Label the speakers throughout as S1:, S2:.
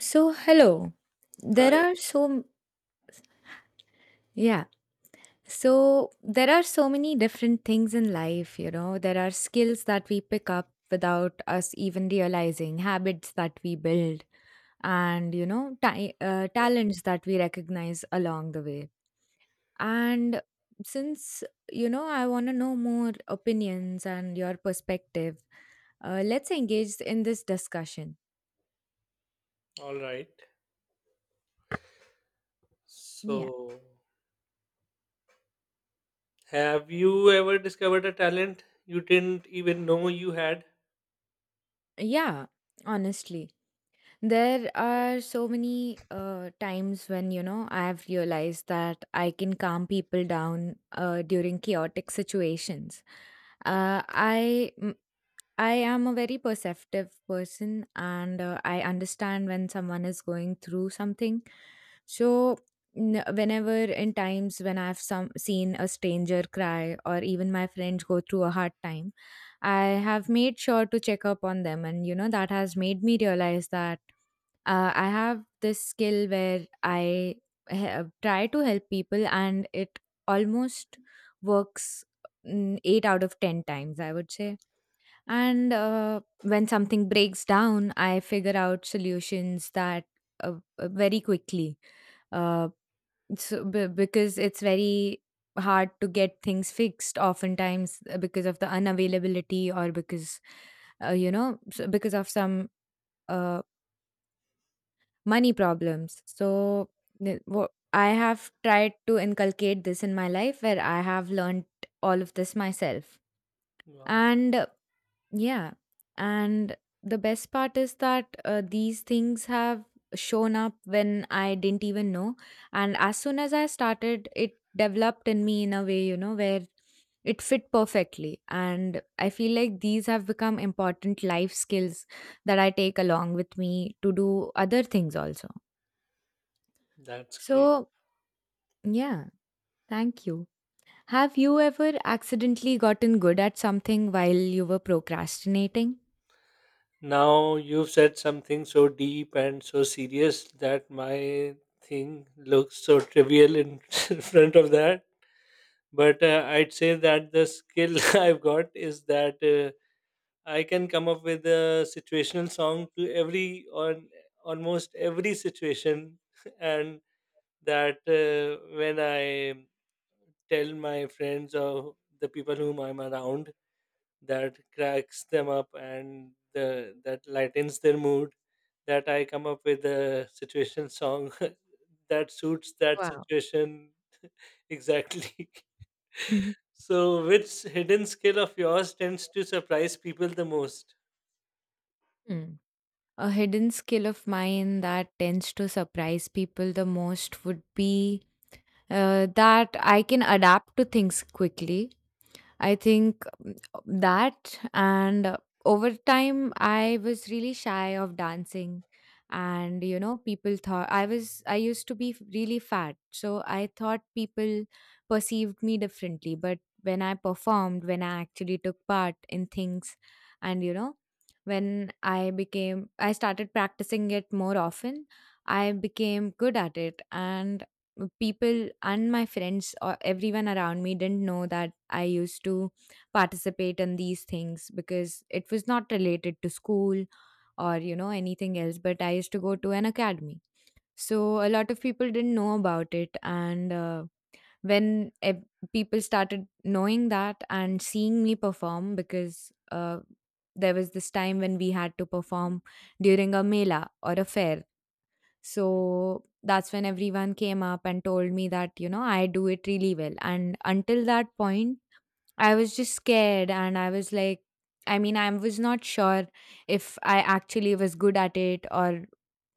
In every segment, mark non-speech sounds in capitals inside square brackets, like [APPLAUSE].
S1: So, hello. There
S2: Hi.
S1: are so, yeah. So, there are so many different things in life. There are skills that we pick up without us even realizing, habits that we build, and, you know, ti talents that we recognize along the way. And since I want to know more opinions and your perspective, let's engage in this discussion.
S2: All right.
S1: Yeah.
S2: So, have you ever discovered a talent you didn't even know you had?
S1: Yeah, honestly. There are so many times when I have realized that I can calm people down during chaotic situations. Uh, I m- I am a very perceptive person and I understand when someone is going through something. So whenever in times when I've some seen a stranger cry or even my friends go through a hard time, I have made sure to check up on them and that has made me realize that I have this skill where I try to help people, and it almost works 8 out of 10 times, I would say. And when something breaks down, I figure out solutions that very quickly, uh, so, because it's very hard to get things fixed oftentimes because of the unavailability or because you know s- because of some uh, money problems. So I have tried to inculcate this in my life where I have learned all of this myself.
S2: Wow,
S1: And yeah, and the best part is that these things have shown up when I didn't even know. And as soon as I started, it developed in me in a way, you know, where it fit perfectly. And I feel like these have become important life skills that I take along with me to do other things also.
S2: that's great.
S1: So, yeah, thank you. Have you ever accidentally gotten good at something while you were procrastinating?
S2: Now you've said something so deep and so serious that my thing looks so trivial in [LAUGHS] front of that. But I'd say that the skill [LAUGHS] I've got is that I can come up with a situational song to every on almost every situation [LAUGHS] and that when I tell my friends or the people whom I'm around, that cracks them up and that lightens their mood, that I come up with a situation song [LAUGHS] that suits that
S1: Wow.
S2: situation [LAUGHS] exactly.
S1: [LAUGHS] Mhm.
S2: [LAUGHS] So, which hidden skill of yours tends to surprise people the most?
S1: Hmm. A hidden skill of mine that tends to surprise people the most would be that I can adapt to things quickly. I think that and over time I was really shy of dancing, and you know people thought I used to be really fat, so I thought people perceived me differently. But when I actually took part in things and you know when I started practicing it more often, I became good at it. And people and my friends or everyone around me didn't know that I used to participate in these things because it was not related to school or anything else, but I used to go to an academy, so a lot of people didn't know about it. And when people started knowing that and seeing me perform, because there was this time when we had to perform during a mela or a fair, so that's when everyone came up and told me that I do it really well. And until that point, I was just scared and I was like, I mean, I was not sure if I actually was good at it, or,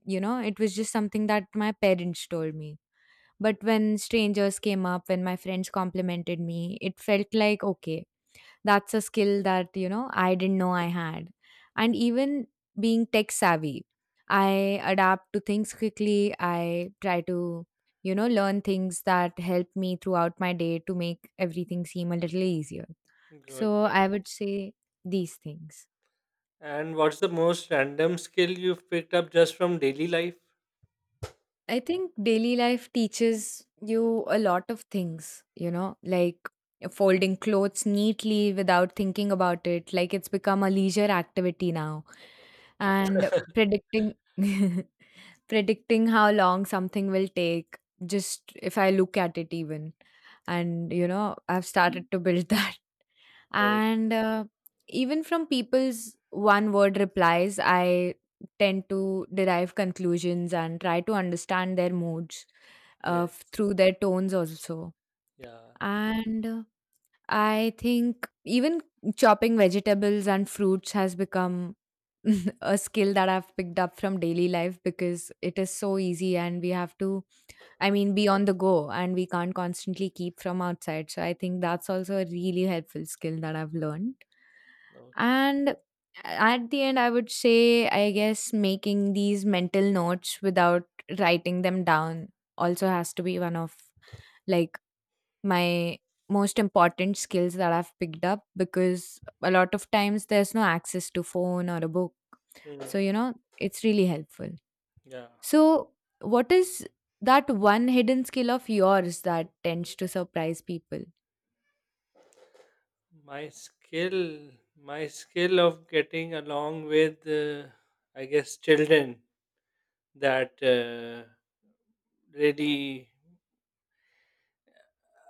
S1: you know, it was just something that my parents told me.
S2: Hmm.
S1: But when strangers came up, when my friends complimented me, it felt like, okay, that's a skill that I didn't know I had. And even being tech savvy, I adapt to things quickly. I try to learn things that help me throughout my day to make everything seem a little easier.
S2: Good.
S1: So
S2: Good.
S1: I would say these things.
S2: And what's the most random skill you've picked up just from daily life?
S1: I think daily life teaches you a lot of things, like folding clothes neatly without thinking about it. Like it's become a leisure activity now. And predicting [LAUGHS] predicting how long something will take just if I look at it even, and I've started to build that. [LAUGHS]
S2: Oh,
S1: And even from people's one word replies, I tend to derive conclusions and try to understand their moods through
S2: yes.
S1: their tones also.
S2: Yeah.
S1: And I think even chopping vegetables and fruits has become [LAUGHS] a skill that I've picked up from daily life, because it is so easy and we have to, I mean, be on the go, and we can't constantly keep from outside. So I think that's also a really helpful skill that I've learned.
S2: Okay.
S1: And at the end, I would say, I guess, making these mental notes without writing them down also has to be one of like my most important skills that I've picked up, because a lot of times there's no access to phone or a book,
S2: Hmm.
S1: so it's really helpful.
S2: Yeah.
S1: So, what is that one hidden skill of yours that tends to surprise people?
S2: My skill, my skill of getting along with, I guess, children, that really,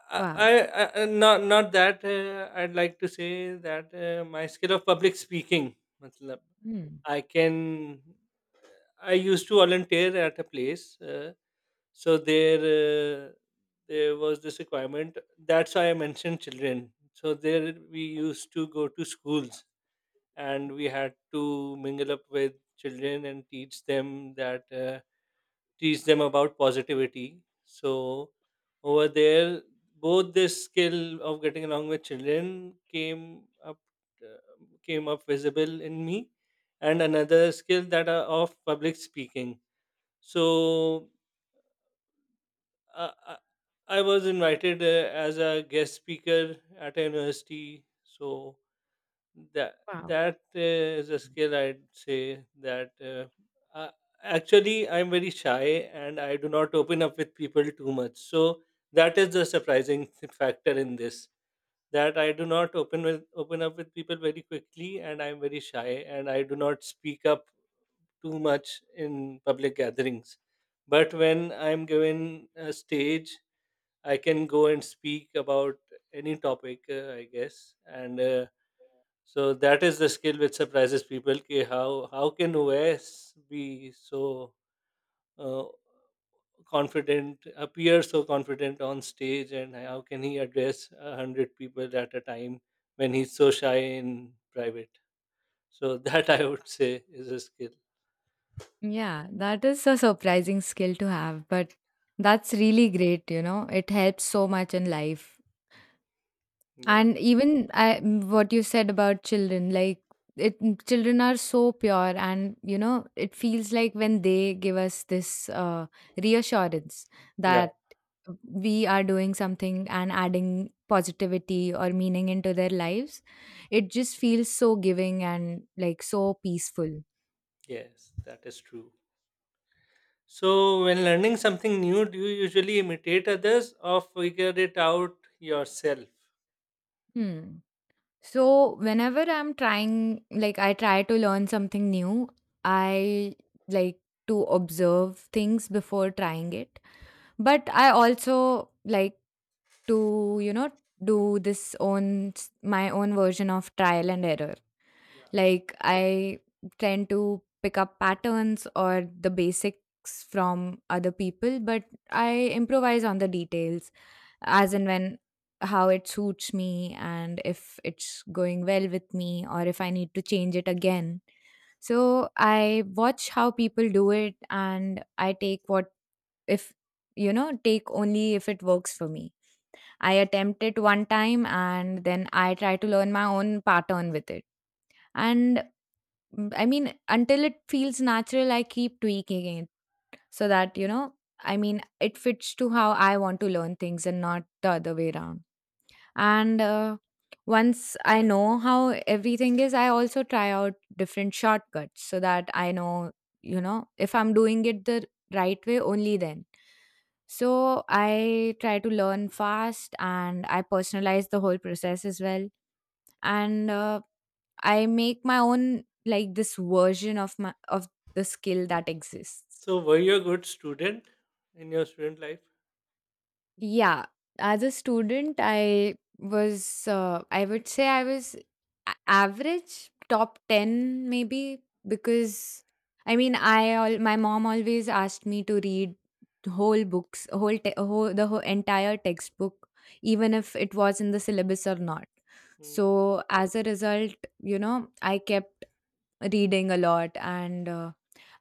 S2: I,
S1: Wow.
S2: not that I'd like to say that my skill of public speaking, matlab,
S1: Hmm.
S2: I can, I used to volunteer at a place. So uh, there was this requirement, that's why I mentioned children. So there we used to go to schools, and we had to mingle up with children and teach them about positivity. So over there, both this skill of getting along with children uh, came up visible in me, and another skill, that of public speaking. So uh, I I was invited, as a guest speaker at a university, so that
S1: Wow.
S2: is a skill, I'd say, that uh, actually I'm very shy and I do not open up with people too much. So that is the surprising factor in this, that I do not open up with people very quickly, and I'm very shy and I do not speak up too much in public gatherings. But when I'm given a stage, I can go and speak about any topic, I guess. And so that is the skill which surprises people. Ki how can OS be so uh, confident, appear so confident on stage, and how can he address 100 people at a time when he's so shy in private? So [LAUGHS] that, I would say, is a skill.
S1: Yeah, that is a surprising skill to have, but that's really great. It helps so much in life.
S2: Yeah.
S1: And even I, what you said about children, like it, children are so pure, and it feels like when they give us this reassurance
S2: Yeah.
S1: that we are doing something and adding positivity or meaning into their lives, it just feels so giving and like so peaceful.
S2: Yes, that is true. So, when learning something new, do you usually imitate others or figure it out yourself?
S1: Hmm. So whenever I'm trying, like I try to learn something new, I like to observe things before trying it. But I also like to do my own version of trial and error.
S2: Yeah.
S1: Like I tend to pick up patterns or the basics from other people, but I improvise on the details as and when how it suits me and if it's going well with me, or if I need to change it again. So I watch how people do it and I take what if take only if it works for me. I attempt it one time and then I try to learn my own pattern with it. And I mean until it feels natural I keep tweaking it, so that I mean it fits to how I want to learn things and not the other way around. And once I know how everything is, I also try out different shortcuts, so that I know if I'm doing it the right way, only then. So I try to learn fast and I personalize the whole process as well. And I make my own like this version of the skill that exists.
S2: So, were you a good student in your student life?
S1: Yeah, as a student, I would say I was average, top 10 maybe, because I mean, I all my mom always asked me to read whole books, whole, te- whole the whole entire textbook, even if it was in the syllabus or not.
S2: Hmm.
S1: So as a result, I kept reading a lot and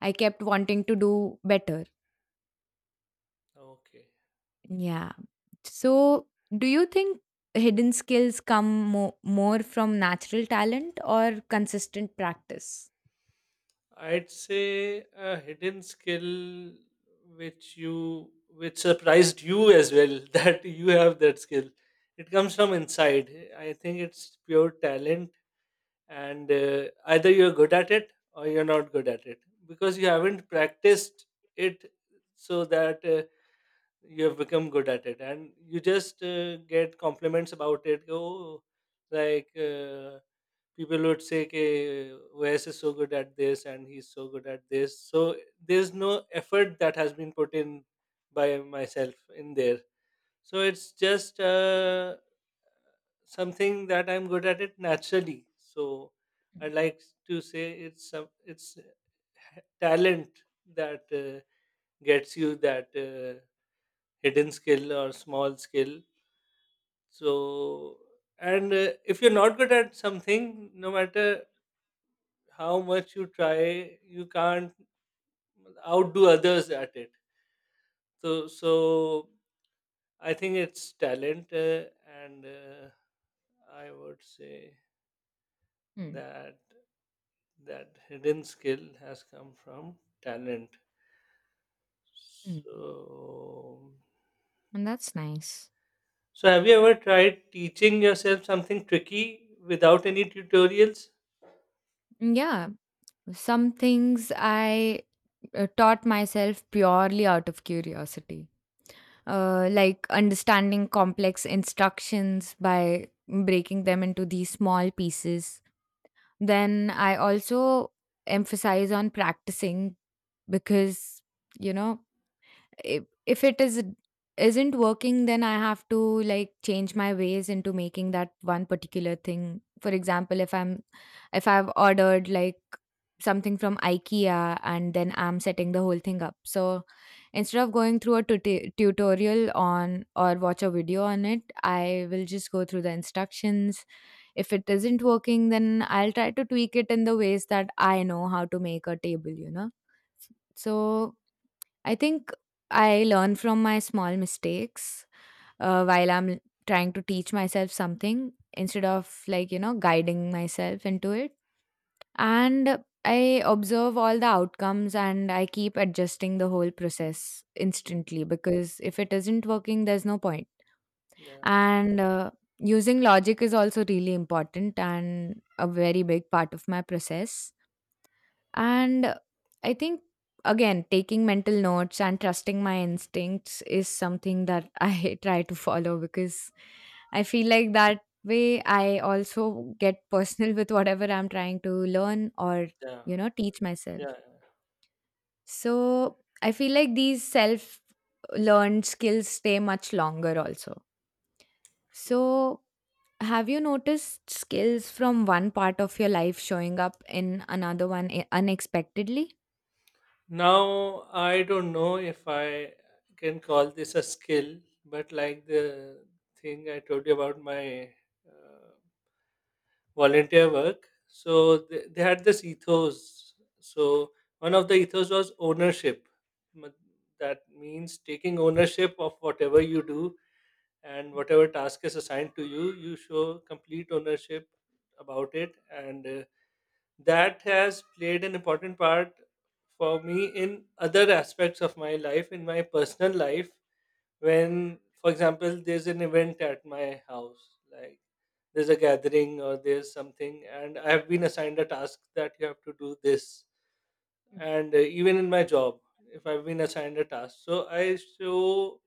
S1: I kept wanting to do better.
S2: Okay.
S1: Yeah. So, do you think hidden skills come more from natural talent or consistent practice?
S2: I'd say a hidden skill, which surprised you as well [LAUGHS] that you have that skill, it comes from inside. I think it's pure talent, and either you're good at it or you're not good at it because you haven't practiced it, so that you have become good at it and you just get compliments about it. Oh, like, people would say, K, Wes is so good at this and he's so good at this. So there's no effort that has been put in by myself in there. So it's just something that I'm good at it naturally. So I like to say it's some it's talent that gets you that hidden skill or small skill. So, and if you're not good at something, no matter how much you try, you can't outdo others at it. So I think it's talent, and I would say
S1: Mm,
S2: that hidden skill has come from talent.
S1: mm.
S2: So,
S1: And that's nice.
S2: so, have you ever tried teaching yourself something tricky without any tutorials?
S1: Yeah, some things I taught myself purely out of curiosity, like understanding complex instructions by breaking them into these small pieces. Then I also emphasize on practicing, because, you know, if if it is isn't working then I have to like change my ways into making that one particular thing. For example, if I've ordered like something from ikea and then I'm setting the whole thing up, so instead of going through a tutorial on or watch a video on it, I will just go through the instructions. If it isn't working then I'll try to tweak it in the ways that I know how to make a table. So I think I learn from my small mistakes while I'm trying to teach myself something, instead of like guiding myself into it. And I observe all the outcomes and I keep adjusting the whole process
S2: Mm.
S1: instantly, because if it isn't working, there's no point.
S2: Yeah,
S1: And using logic is also really important and a very big part of my process. And I think, again, taking mental notes and trusting my instincts is something that I [LAUGHS] try to follow, because I feel like that way I also get personal with whatever I'm trying to learn, or,
S2: yeah,
S1: you know, teach myself.
S2: yeah, yeah,
S1: So I feel like these self learned skills stay much longer also.
S2: true.
S1: So, have you noticed skills from one part of your life showing up in another one unexpectedly?
S2: Now I don't know if I can call this a skill, but like the thing I told you about my. Uh, volunteer work. So they had this ethos. So one of the ethos was ownership. M- That means taking ownership of whatever you do, and whatever task is assigned to you, you show complete ownership about it. And that has played an important part for me in other aspects of my life, in my personal life. When, for example, there's an event at my house, like there's a gathering or there's something and I have been assigned a task that you have to do this, and even in my job, if I've been assigned a task, so I show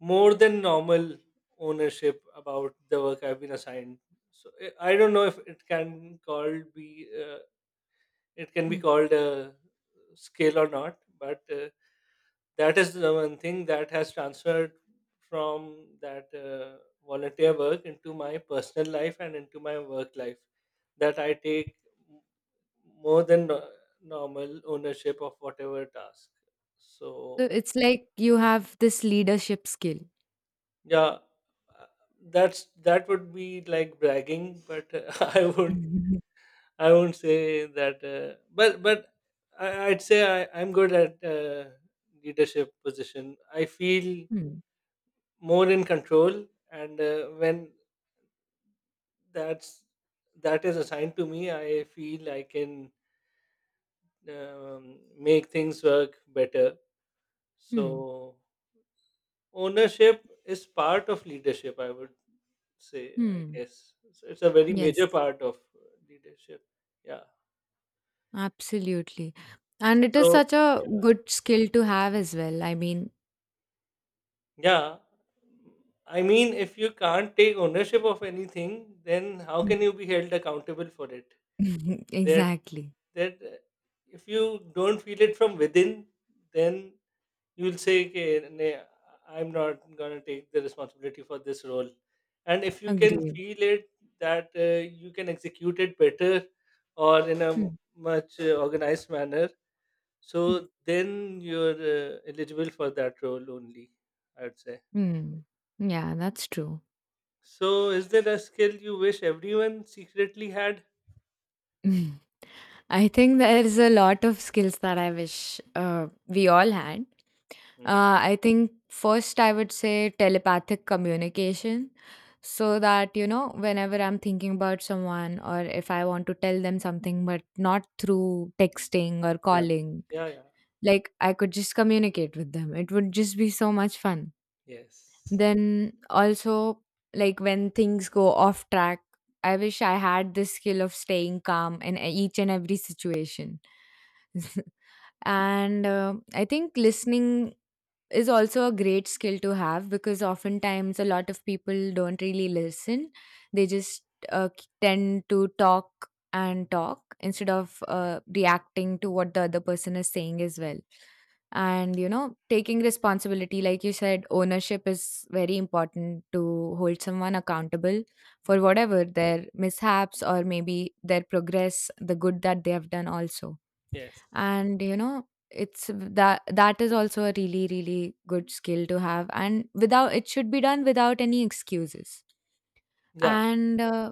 S2: more than normal ownership about the work I've been assigned. So I don't know if it can be
S1: Mm.
S2: called a skill or not, but that is the one thing that has transferred from that volunteer work into my personal life and into my work life, that I take m- more than normal ownership of whatever task.
S1: So
S2: So
S1: it's like you have this leadership skill.
S2: yeah, uh, that would be like bragging, but [LAUGHS] i won't
S1: Mhm.
S2: i won't say that, but I'd say I'm good at, leadership position. I feel
S1: Hmm.
S2: more in control, and when that's that is assigned to me, I feel I can make things work better.
S1: Hmm.
S2: So ownership is part of leadership, I would say, I
S1: Hmm.
S2: guess. So it's a very major
S1: Yes,
S2: part of leadership. Yeah.
S1: absolutely. And it is
S2: So
S1: such a
S2: yeah,
S1: good skill to have as well. I mean,
S2: yeah, I mean, if you can't take ownership of anything, then how
S1: Hmm.
S2: can you be held accountable for it?
S1: [LAUGHS]
S2: There
S1: Exactly.
S2: that If you don't feel it from within, then you will say, okay, nay, I'm not gonna take the responsibility for this role. And if you can
S1: Agree.
S2: feel it, that you can execute it better or in a
S1: Hmm.
S2: much organized manner,
S1: Hmm.
S2: so then you're eligible for that role only, I would say.
S1: Hmm. Yeah, that's true.
S2: So, is there a skill you wish everyone secretly had?
S1: [LAUGHS] I think there is a lot of skills that I wish we all had.
S2: Hmm.
S1: I think first I would say telepathic communication so that, you know, whenever I'm thinking about someone or if I want to tell them something, but not through texting or
S2: Yeah.
S1: calling,
S2: Yeah. Yeah.
S1: like I could just communicate with them. It would just be so much fun.
S2: Yes.
S1: Then also, like when things go off track, I wish I had the skill of staying calm in each and every situation. [LAUGHS] and I think listening is also a great skill to have because oftentimes a lot of people don't really listen. They just tend to talk and talk instead of reacting to what the other person is saying as well. And, you know, taking responsibility, like you said, ownership is very important to hold someone accountable for
S2: Mm.
S1: whatever their mishaps or maybe their progress, the good that they have done also,
S2: Yes.
S1: and you know it's that is also a really really good skill to have, and without it should be done without any excuses.
S2: Yeah.
S1: And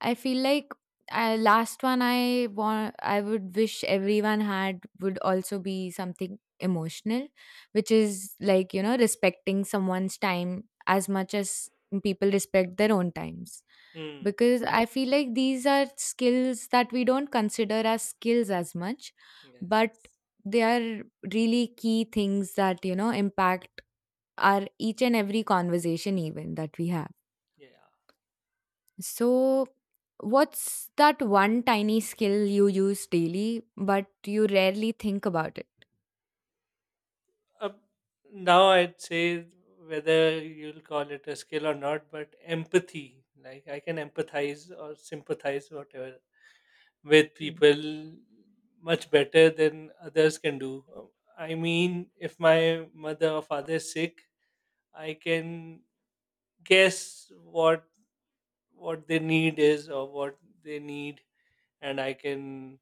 S1: I feel like last one I want I would wish everyone had would also be something emotional, which is like you know respecting someone's time as much as people respect their own times,
S2: Hmm.
S1: because I feel like these are skills that we don't consider as skills as much, but
S2: Yes.
S1: they are really key things that you know impact our each and every conversation even that we have.
S2: Yeah.
S1: So, what's that one tiny skill you use daily, but you rarely think about it?
S2: Uh, now I'd say, whether you'll call it a skill or not, but empathy. Like, I can empathize or sympathize, whatever, with
S1: Hmm.
S2: people much better than others can do. I mean, if my mother or father is sick, I can guess what they need is or what they need, and I can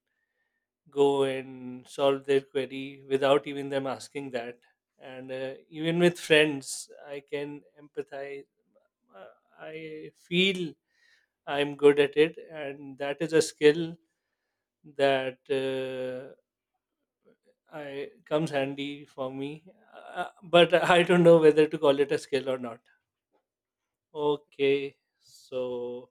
S2: go and solve their query without even them asking that. And even with friends, I can empathize. uh, I feel I'm good at it, and that is a skill that I comes handy for me, but I don't know whether to call it a skill or not. Okay. So,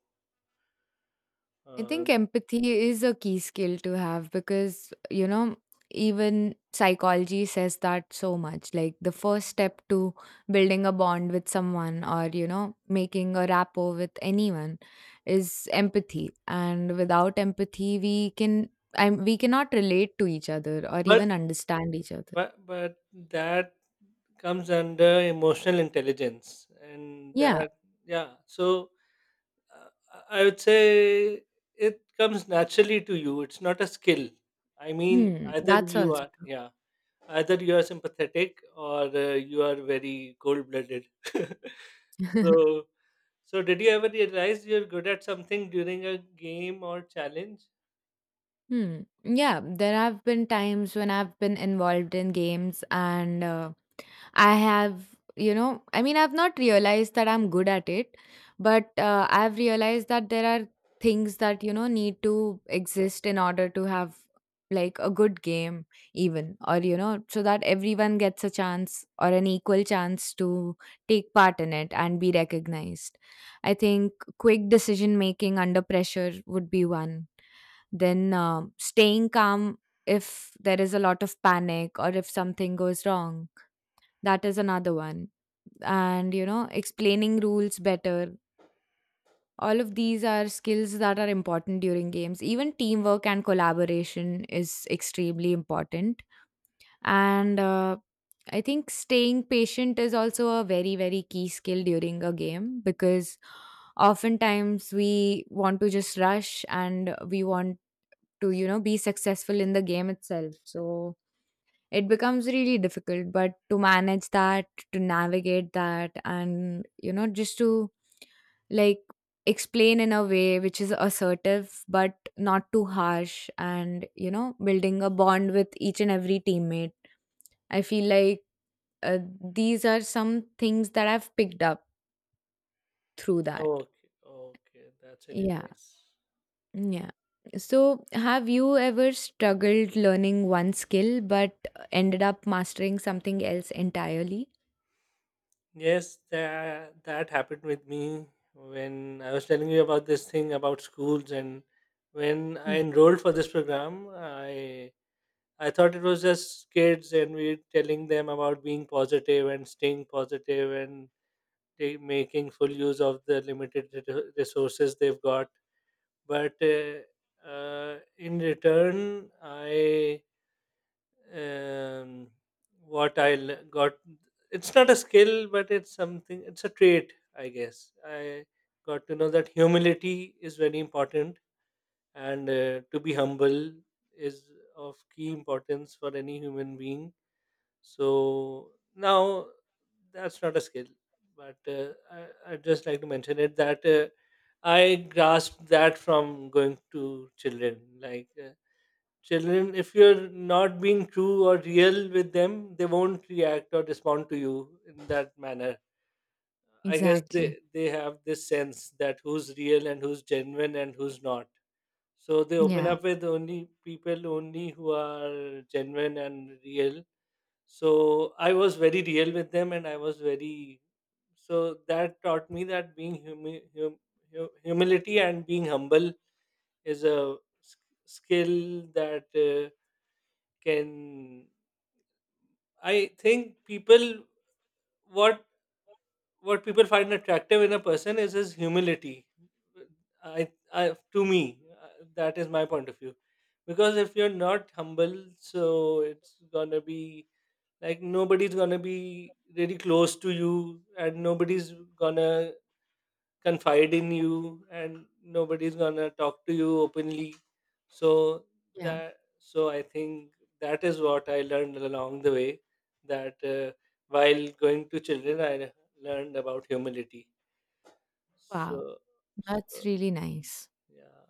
S1: I
S2: uh,
S1: think empathy is a key skill to have because, you know, even psychology says that so much. Like the first step to building a bond with someone or, you know, making a rapport with anyone is empathy. And without empathy, we can. We cannot relate to each other or
S2: but
S1: even understand each other.
S2: but that comes under emotional intelligence, and
S1: Yeah.
S2: that, yeah. So uh, I would say it comes naturally to you. It's not a skill. I mean,
S1: Hmm,
S2: either
S1: that's
S2: you
S1: also.
S2: are yeah, either you are sympathetic, or you are very cold blooded. [LAUGHS]
S1: [LAUGHS]
S2: so so did you ever realize you're good at something during a game or challenge?
S1: Hmm, yeah, there have been times when I've been involved in games, and I have, you know, I mean, I've not realized that I'm good at it, but I've realized that there are things that, you know, need to exist in order to have like a good game, even, or, you know, so that everyone gets a chance or an equal chance to take part in it and be recognized. I think quick decision making under pressure would be one. Then staying calm if there is a lot of panic or if something goes wrong, that is another one. And, you know, explaining rules better. All of these are skills that are important during games. Even teamwork and collaboration is extremely important. And I think staying patient is also a very, very key skill during a game because oftentimes we want to just rush and we want to, you know, be successful in the game itself. So, it becomes really difficult but to manage that, to navigate that, and you know just to like explain in a way which is assertive but not too harsh, and you know building a bond with each and every teammate. I feel like uh, these are some things that I've picked up through that.
S2: Oh, okay, okay, that's really
S1: Yeah.
S2: nice.
S1: Yeah. So have you ever struggled learning one skill but ended up mastering something else entirely?
S2: Yes, that happened with me when I was telling you about this thing about schools, and when I
S1: Hmm.
S2: enrolled for this program, I thought it was just kids and we were telling them about being positive and staying positive, and making full use of the limited resources they've got. But in return, I, um, what I got. It's not a skill, but it's something. It's a trait, I guess. I got to know that humility is very important, and to be humble is of key importance for any human being. So now, that's not a skill, but I just like to mention it that. I grasped that from going to children. Like, children, if you're not being true or real with them, they won't react or respond to you in that manner. I guess
S1: Exactly.
S2: they have this sense that who's real and who's genuine and who's not. So they open
S1: Yeah.
S2: up with only people only who are genuine and real. So I was very real with them, and I was very so that taught me that being humility and being humble is a s- skill that can I think people what what people find attractive in a person is his humility. I, I to me uh, that is my point of view, because if you're not humble, so it's gonna be like nobody's gonna be really close to you, and nobody's gonna confide in you, and nobody's gonna talk to you openly. so
S1: Yeah.
S2: that so I think that is what I learned along the way, that while going to children, I learned about humility.
S1: Wow.
S2: so,
S1: That's
S2: so
S1: really nice.
S2: yeah.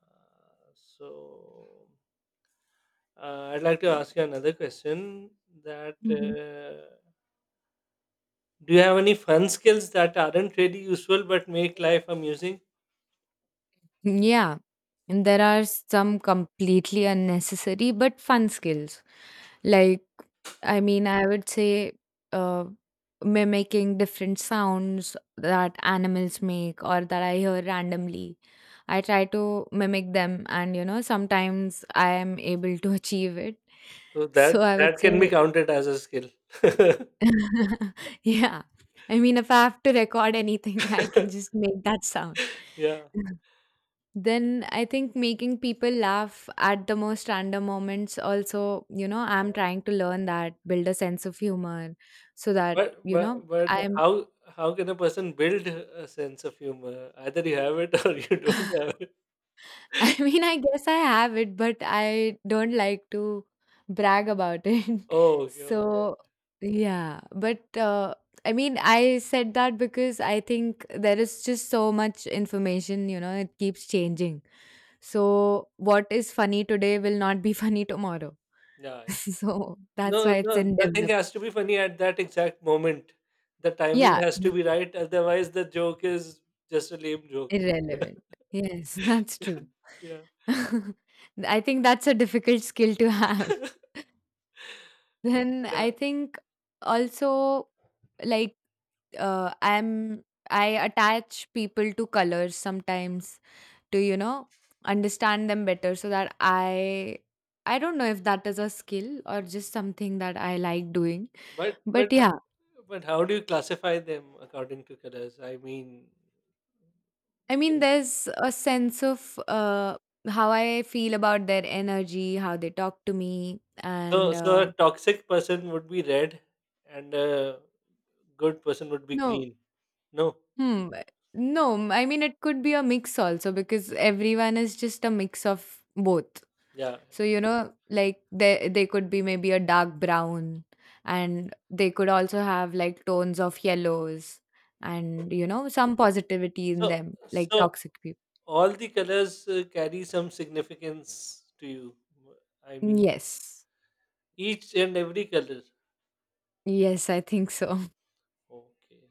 S2: So, I'd like to ask you another question, that,
S1: Hmm.
S2: do you have any fun skills that aren't really useful but make life amusing?
S1: Yeah. And there are some completely unnecessary but fun skills. Like, I mean, I would say uh, mimicking different sounds that animals make or that I hear randomly. I try to mimic them, and you know, sometimes I am able to [LAUGHS] achieve it.
S2: So
S1: So I would
S2: that can be
S1: say.
S2: counted as a skill. [LAUGHS]
S1: [LAUGHS] Yeah. I mean, if I have to record anything, [LAUGHS] I can
S2: [LAUGHS]
S1: just make that sound.
S2: Yeah.
S1: Then I think making people laugh at the most random moments also, you know, I'm trying to learn that, build a sense of humor so that,
S2: But
S1: you
S2: but
S1: know,
S2: but
S1: I'm.
S2: how can a person build a sense of humor? Either you have it [LAUGHS] or you don't have
S1: [LAUGHS]
S2: it.
S1: [LAUGHS] I mean, I guess I have it, but I don't like to brag about it. [LAUGHS]
S2: Oh, okay, okay.
S1: So, yeah, but I mean, I said that because I think there is just so much information, you know, it keeps changing. So, what is funny today will not be funny tomorrow.
S2: Yeah,
S1: [LAUGHS]
S2: yeah.
S1: So, that's
S2: No,
S1: why it's
S2: no,
S1: in
S2: the thing
S1: develop.
S2: has to be funny at that exact moment. The timing
S1: Yeah,
S2: has to be right, otherwise the joke is just a lame joke. [LAUGHS]
S1: irrelevant. Yes, that's true.
S2: Yeah.
S1: [LAUGHS] I think that's a difficult skill to have.
S2: [LAUGHS]
S1: Then
S2: Yeah.
S1: I think also, like, uh, I'm I attach people to colors sometimes to you know understand them better, so that I. I don't know if that is a skill or just something that I like doing,
S2: But but
S1: but
S2: h-
S1: yeah.
S2: but how do you classify them according to colors? I mean,
S1: I mean there's a sense of how I feel about their energy, how they talk to me,
S2: so
S1: and
S2: a toxic person would be red and a good person would be
S1: no.
S2: green. No.
S1: Hmm, eh, no, m I mean, it could be a mix also because everyone is just a mix of both.
S2: Yeah.
S1: So, you know, like they could be maybe a dark brown, and they could also have like tones of yellows, and you know, some positivity in
S2: So
S1: them, like
S2: so,
S1: toxic people.
S2: all the colors carry some significance to you. I mean,
S1: Yes.
S2: each and every color.
S1: Yes, I think so. [LAUGHS]
S2: Okay.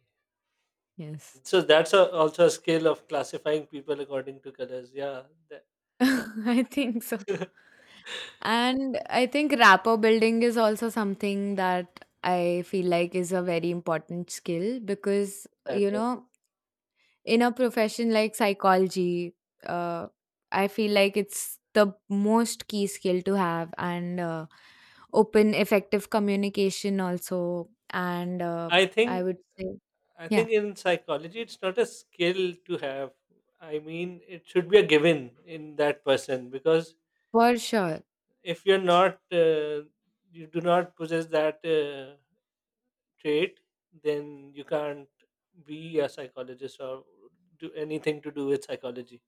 S1: Yes.
S2: So also a skill of classifying people according to colors. Yeah. That,
S1: [LAUGHS] I think so.
S2: [LAUGHS]
S1: And I think rapport building is also something that I feel like is a very important skill because,
S2: that
S1: you
S2: is.
S1: know, in a profession like psychology, uh, I feel like it's the most key skill to have, and open effective communication also, and
S2: I
S1: I
S2: think
S1: would say,
S2: I
S1: yeah,
S2: think in psychology it's not a skill to have. I mean it should be a given in that person, because
S1: for sure.
S2: if you do not possess that trait, then you can't be a psychologist or do anything to do with psychology,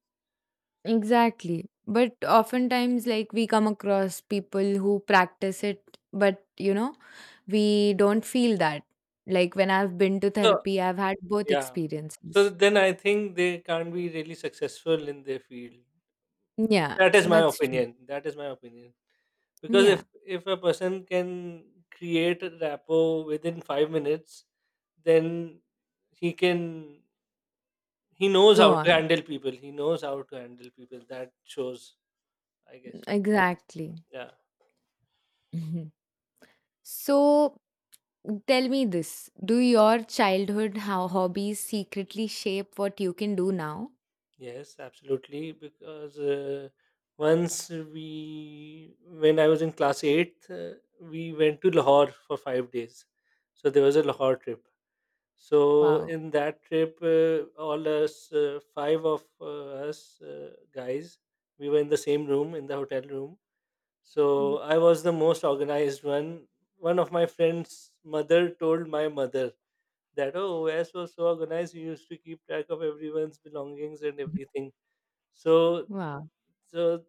S1: Exactly, but oftentimes like we come across people who practice it but you know we don't feel that, like when I've been to
S2: so
S1: therapy I've had both
S2: yeah. So
S1: experiences.
S2: then I think they can't be really successful in their field.
S1: Yeah,
S2: that is my
S1: that's true.
S2: opinion that is my opinion Because
S1: Yeah,
S2: if a person can create a rapport within 5 minutes, then he can he knows how
S1: go
S2: to
S1: on.
S2: handle people, that shows, I guess.
S1: Exactly.
S2: Yeah.
S1: [LAUGHS] So tell me this, do your childhood how hobbies secretly shape what you can do now?
S2: Yes, absolutely. Because when I was in class 8, we went to Lahore for 5 days. So there was a Lahore trip. So
S1: Wow.
S2: in that trip, five of us guys, we were in the same room, in the hotel room.
S1: Mm.
S2: So I was the most organized one. One of my friend's mother told my mother that, oh, OS was so organized, we used to keep track of everyone's belongings and
S1: Mhm.
S2: everything. So
S1: Wow.
S2: so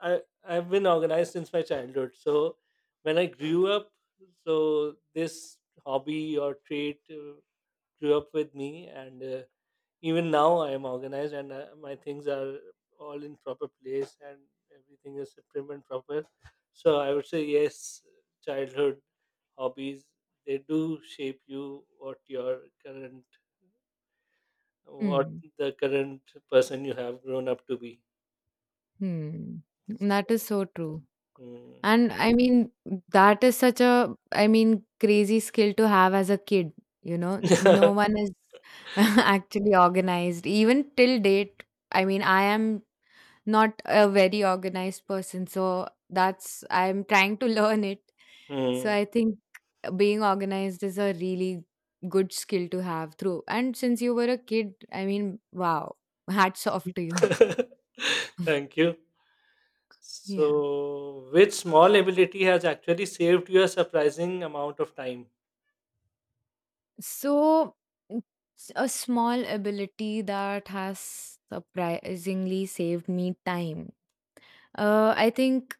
S2: I've been organized since my childhood. So when I grew up, so this hobby or trait, grew up with me, and even now I am organized, and my things are all in proper place and everything is prim and proper. So I would say yes, childhood hobbies, they do shape you, what
S1: Hmm.
S2: the current person you have grown up to be.
S1: Hmm. That is
S2: So,
S1: so true.
S2: mm.
S1: And I mean, that is such a, I mean, crazy skill to have as a kid. You know, no one
S2: [LAUGHS]
S1: is [LAUGHS] actually organized. Even till date, I mean, I am not a very organized person. So that's, I'm trying to [LAUGHS] learn it. So
S2: Hmm.
S1: I think being organized is a really good skill to have through. And since you were a kid, I mean, wow, [LAUGHS] hats off to you.
S2: [LAUGHS] Thank you.
S1: Yeah.
S2: So, which small ability has actually saved you a surprising amount of time?
S1: So, it's a small ability that has surprisingly saved me time. I think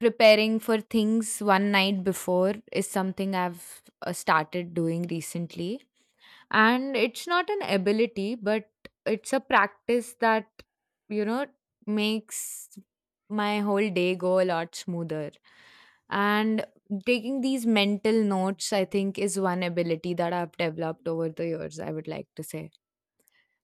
S1: preparing for things one night before is something I've started doing recently. And it's not an ability but it's a practice that you know makes my whole day go a lot smoother. And taking these mental notes, I think is one ability that I've developed over the years, I would like to say.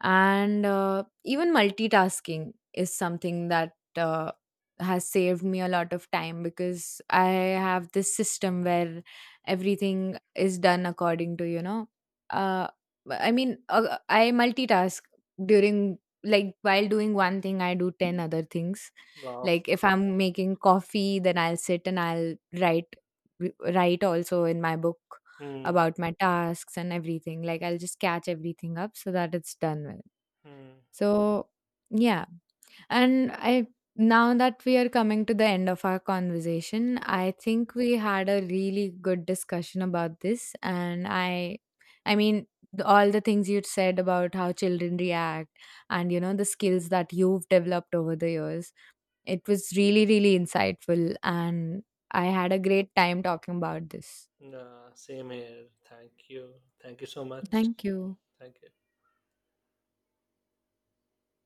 S1: And Even multitasking is something that has saved me a lot of time because I have this system where everything is done according to, you know, uh, I multitask during, like while doing one thing I do 10 other things.
S2: Wow.
S1: Like if I'm making coffee then I'll sit and I'll write also in my book
S2: Hmm.
S1: about my tasks and everything, like I'll just catch everything up so that it's done well.
S2: Hmm.
S1: So, yeah. And I, now that we are coming to the end of our conversation, I think we had a really good discussion about this, and I mean, all the things you'd said about how children react and you know the skills that you've developed over the years. It was really really insightful, and I had a great time talking about this.
S2: Yeah, same here. Thank you. Thank you so much.
S1: Thank you.
S2: Thank you.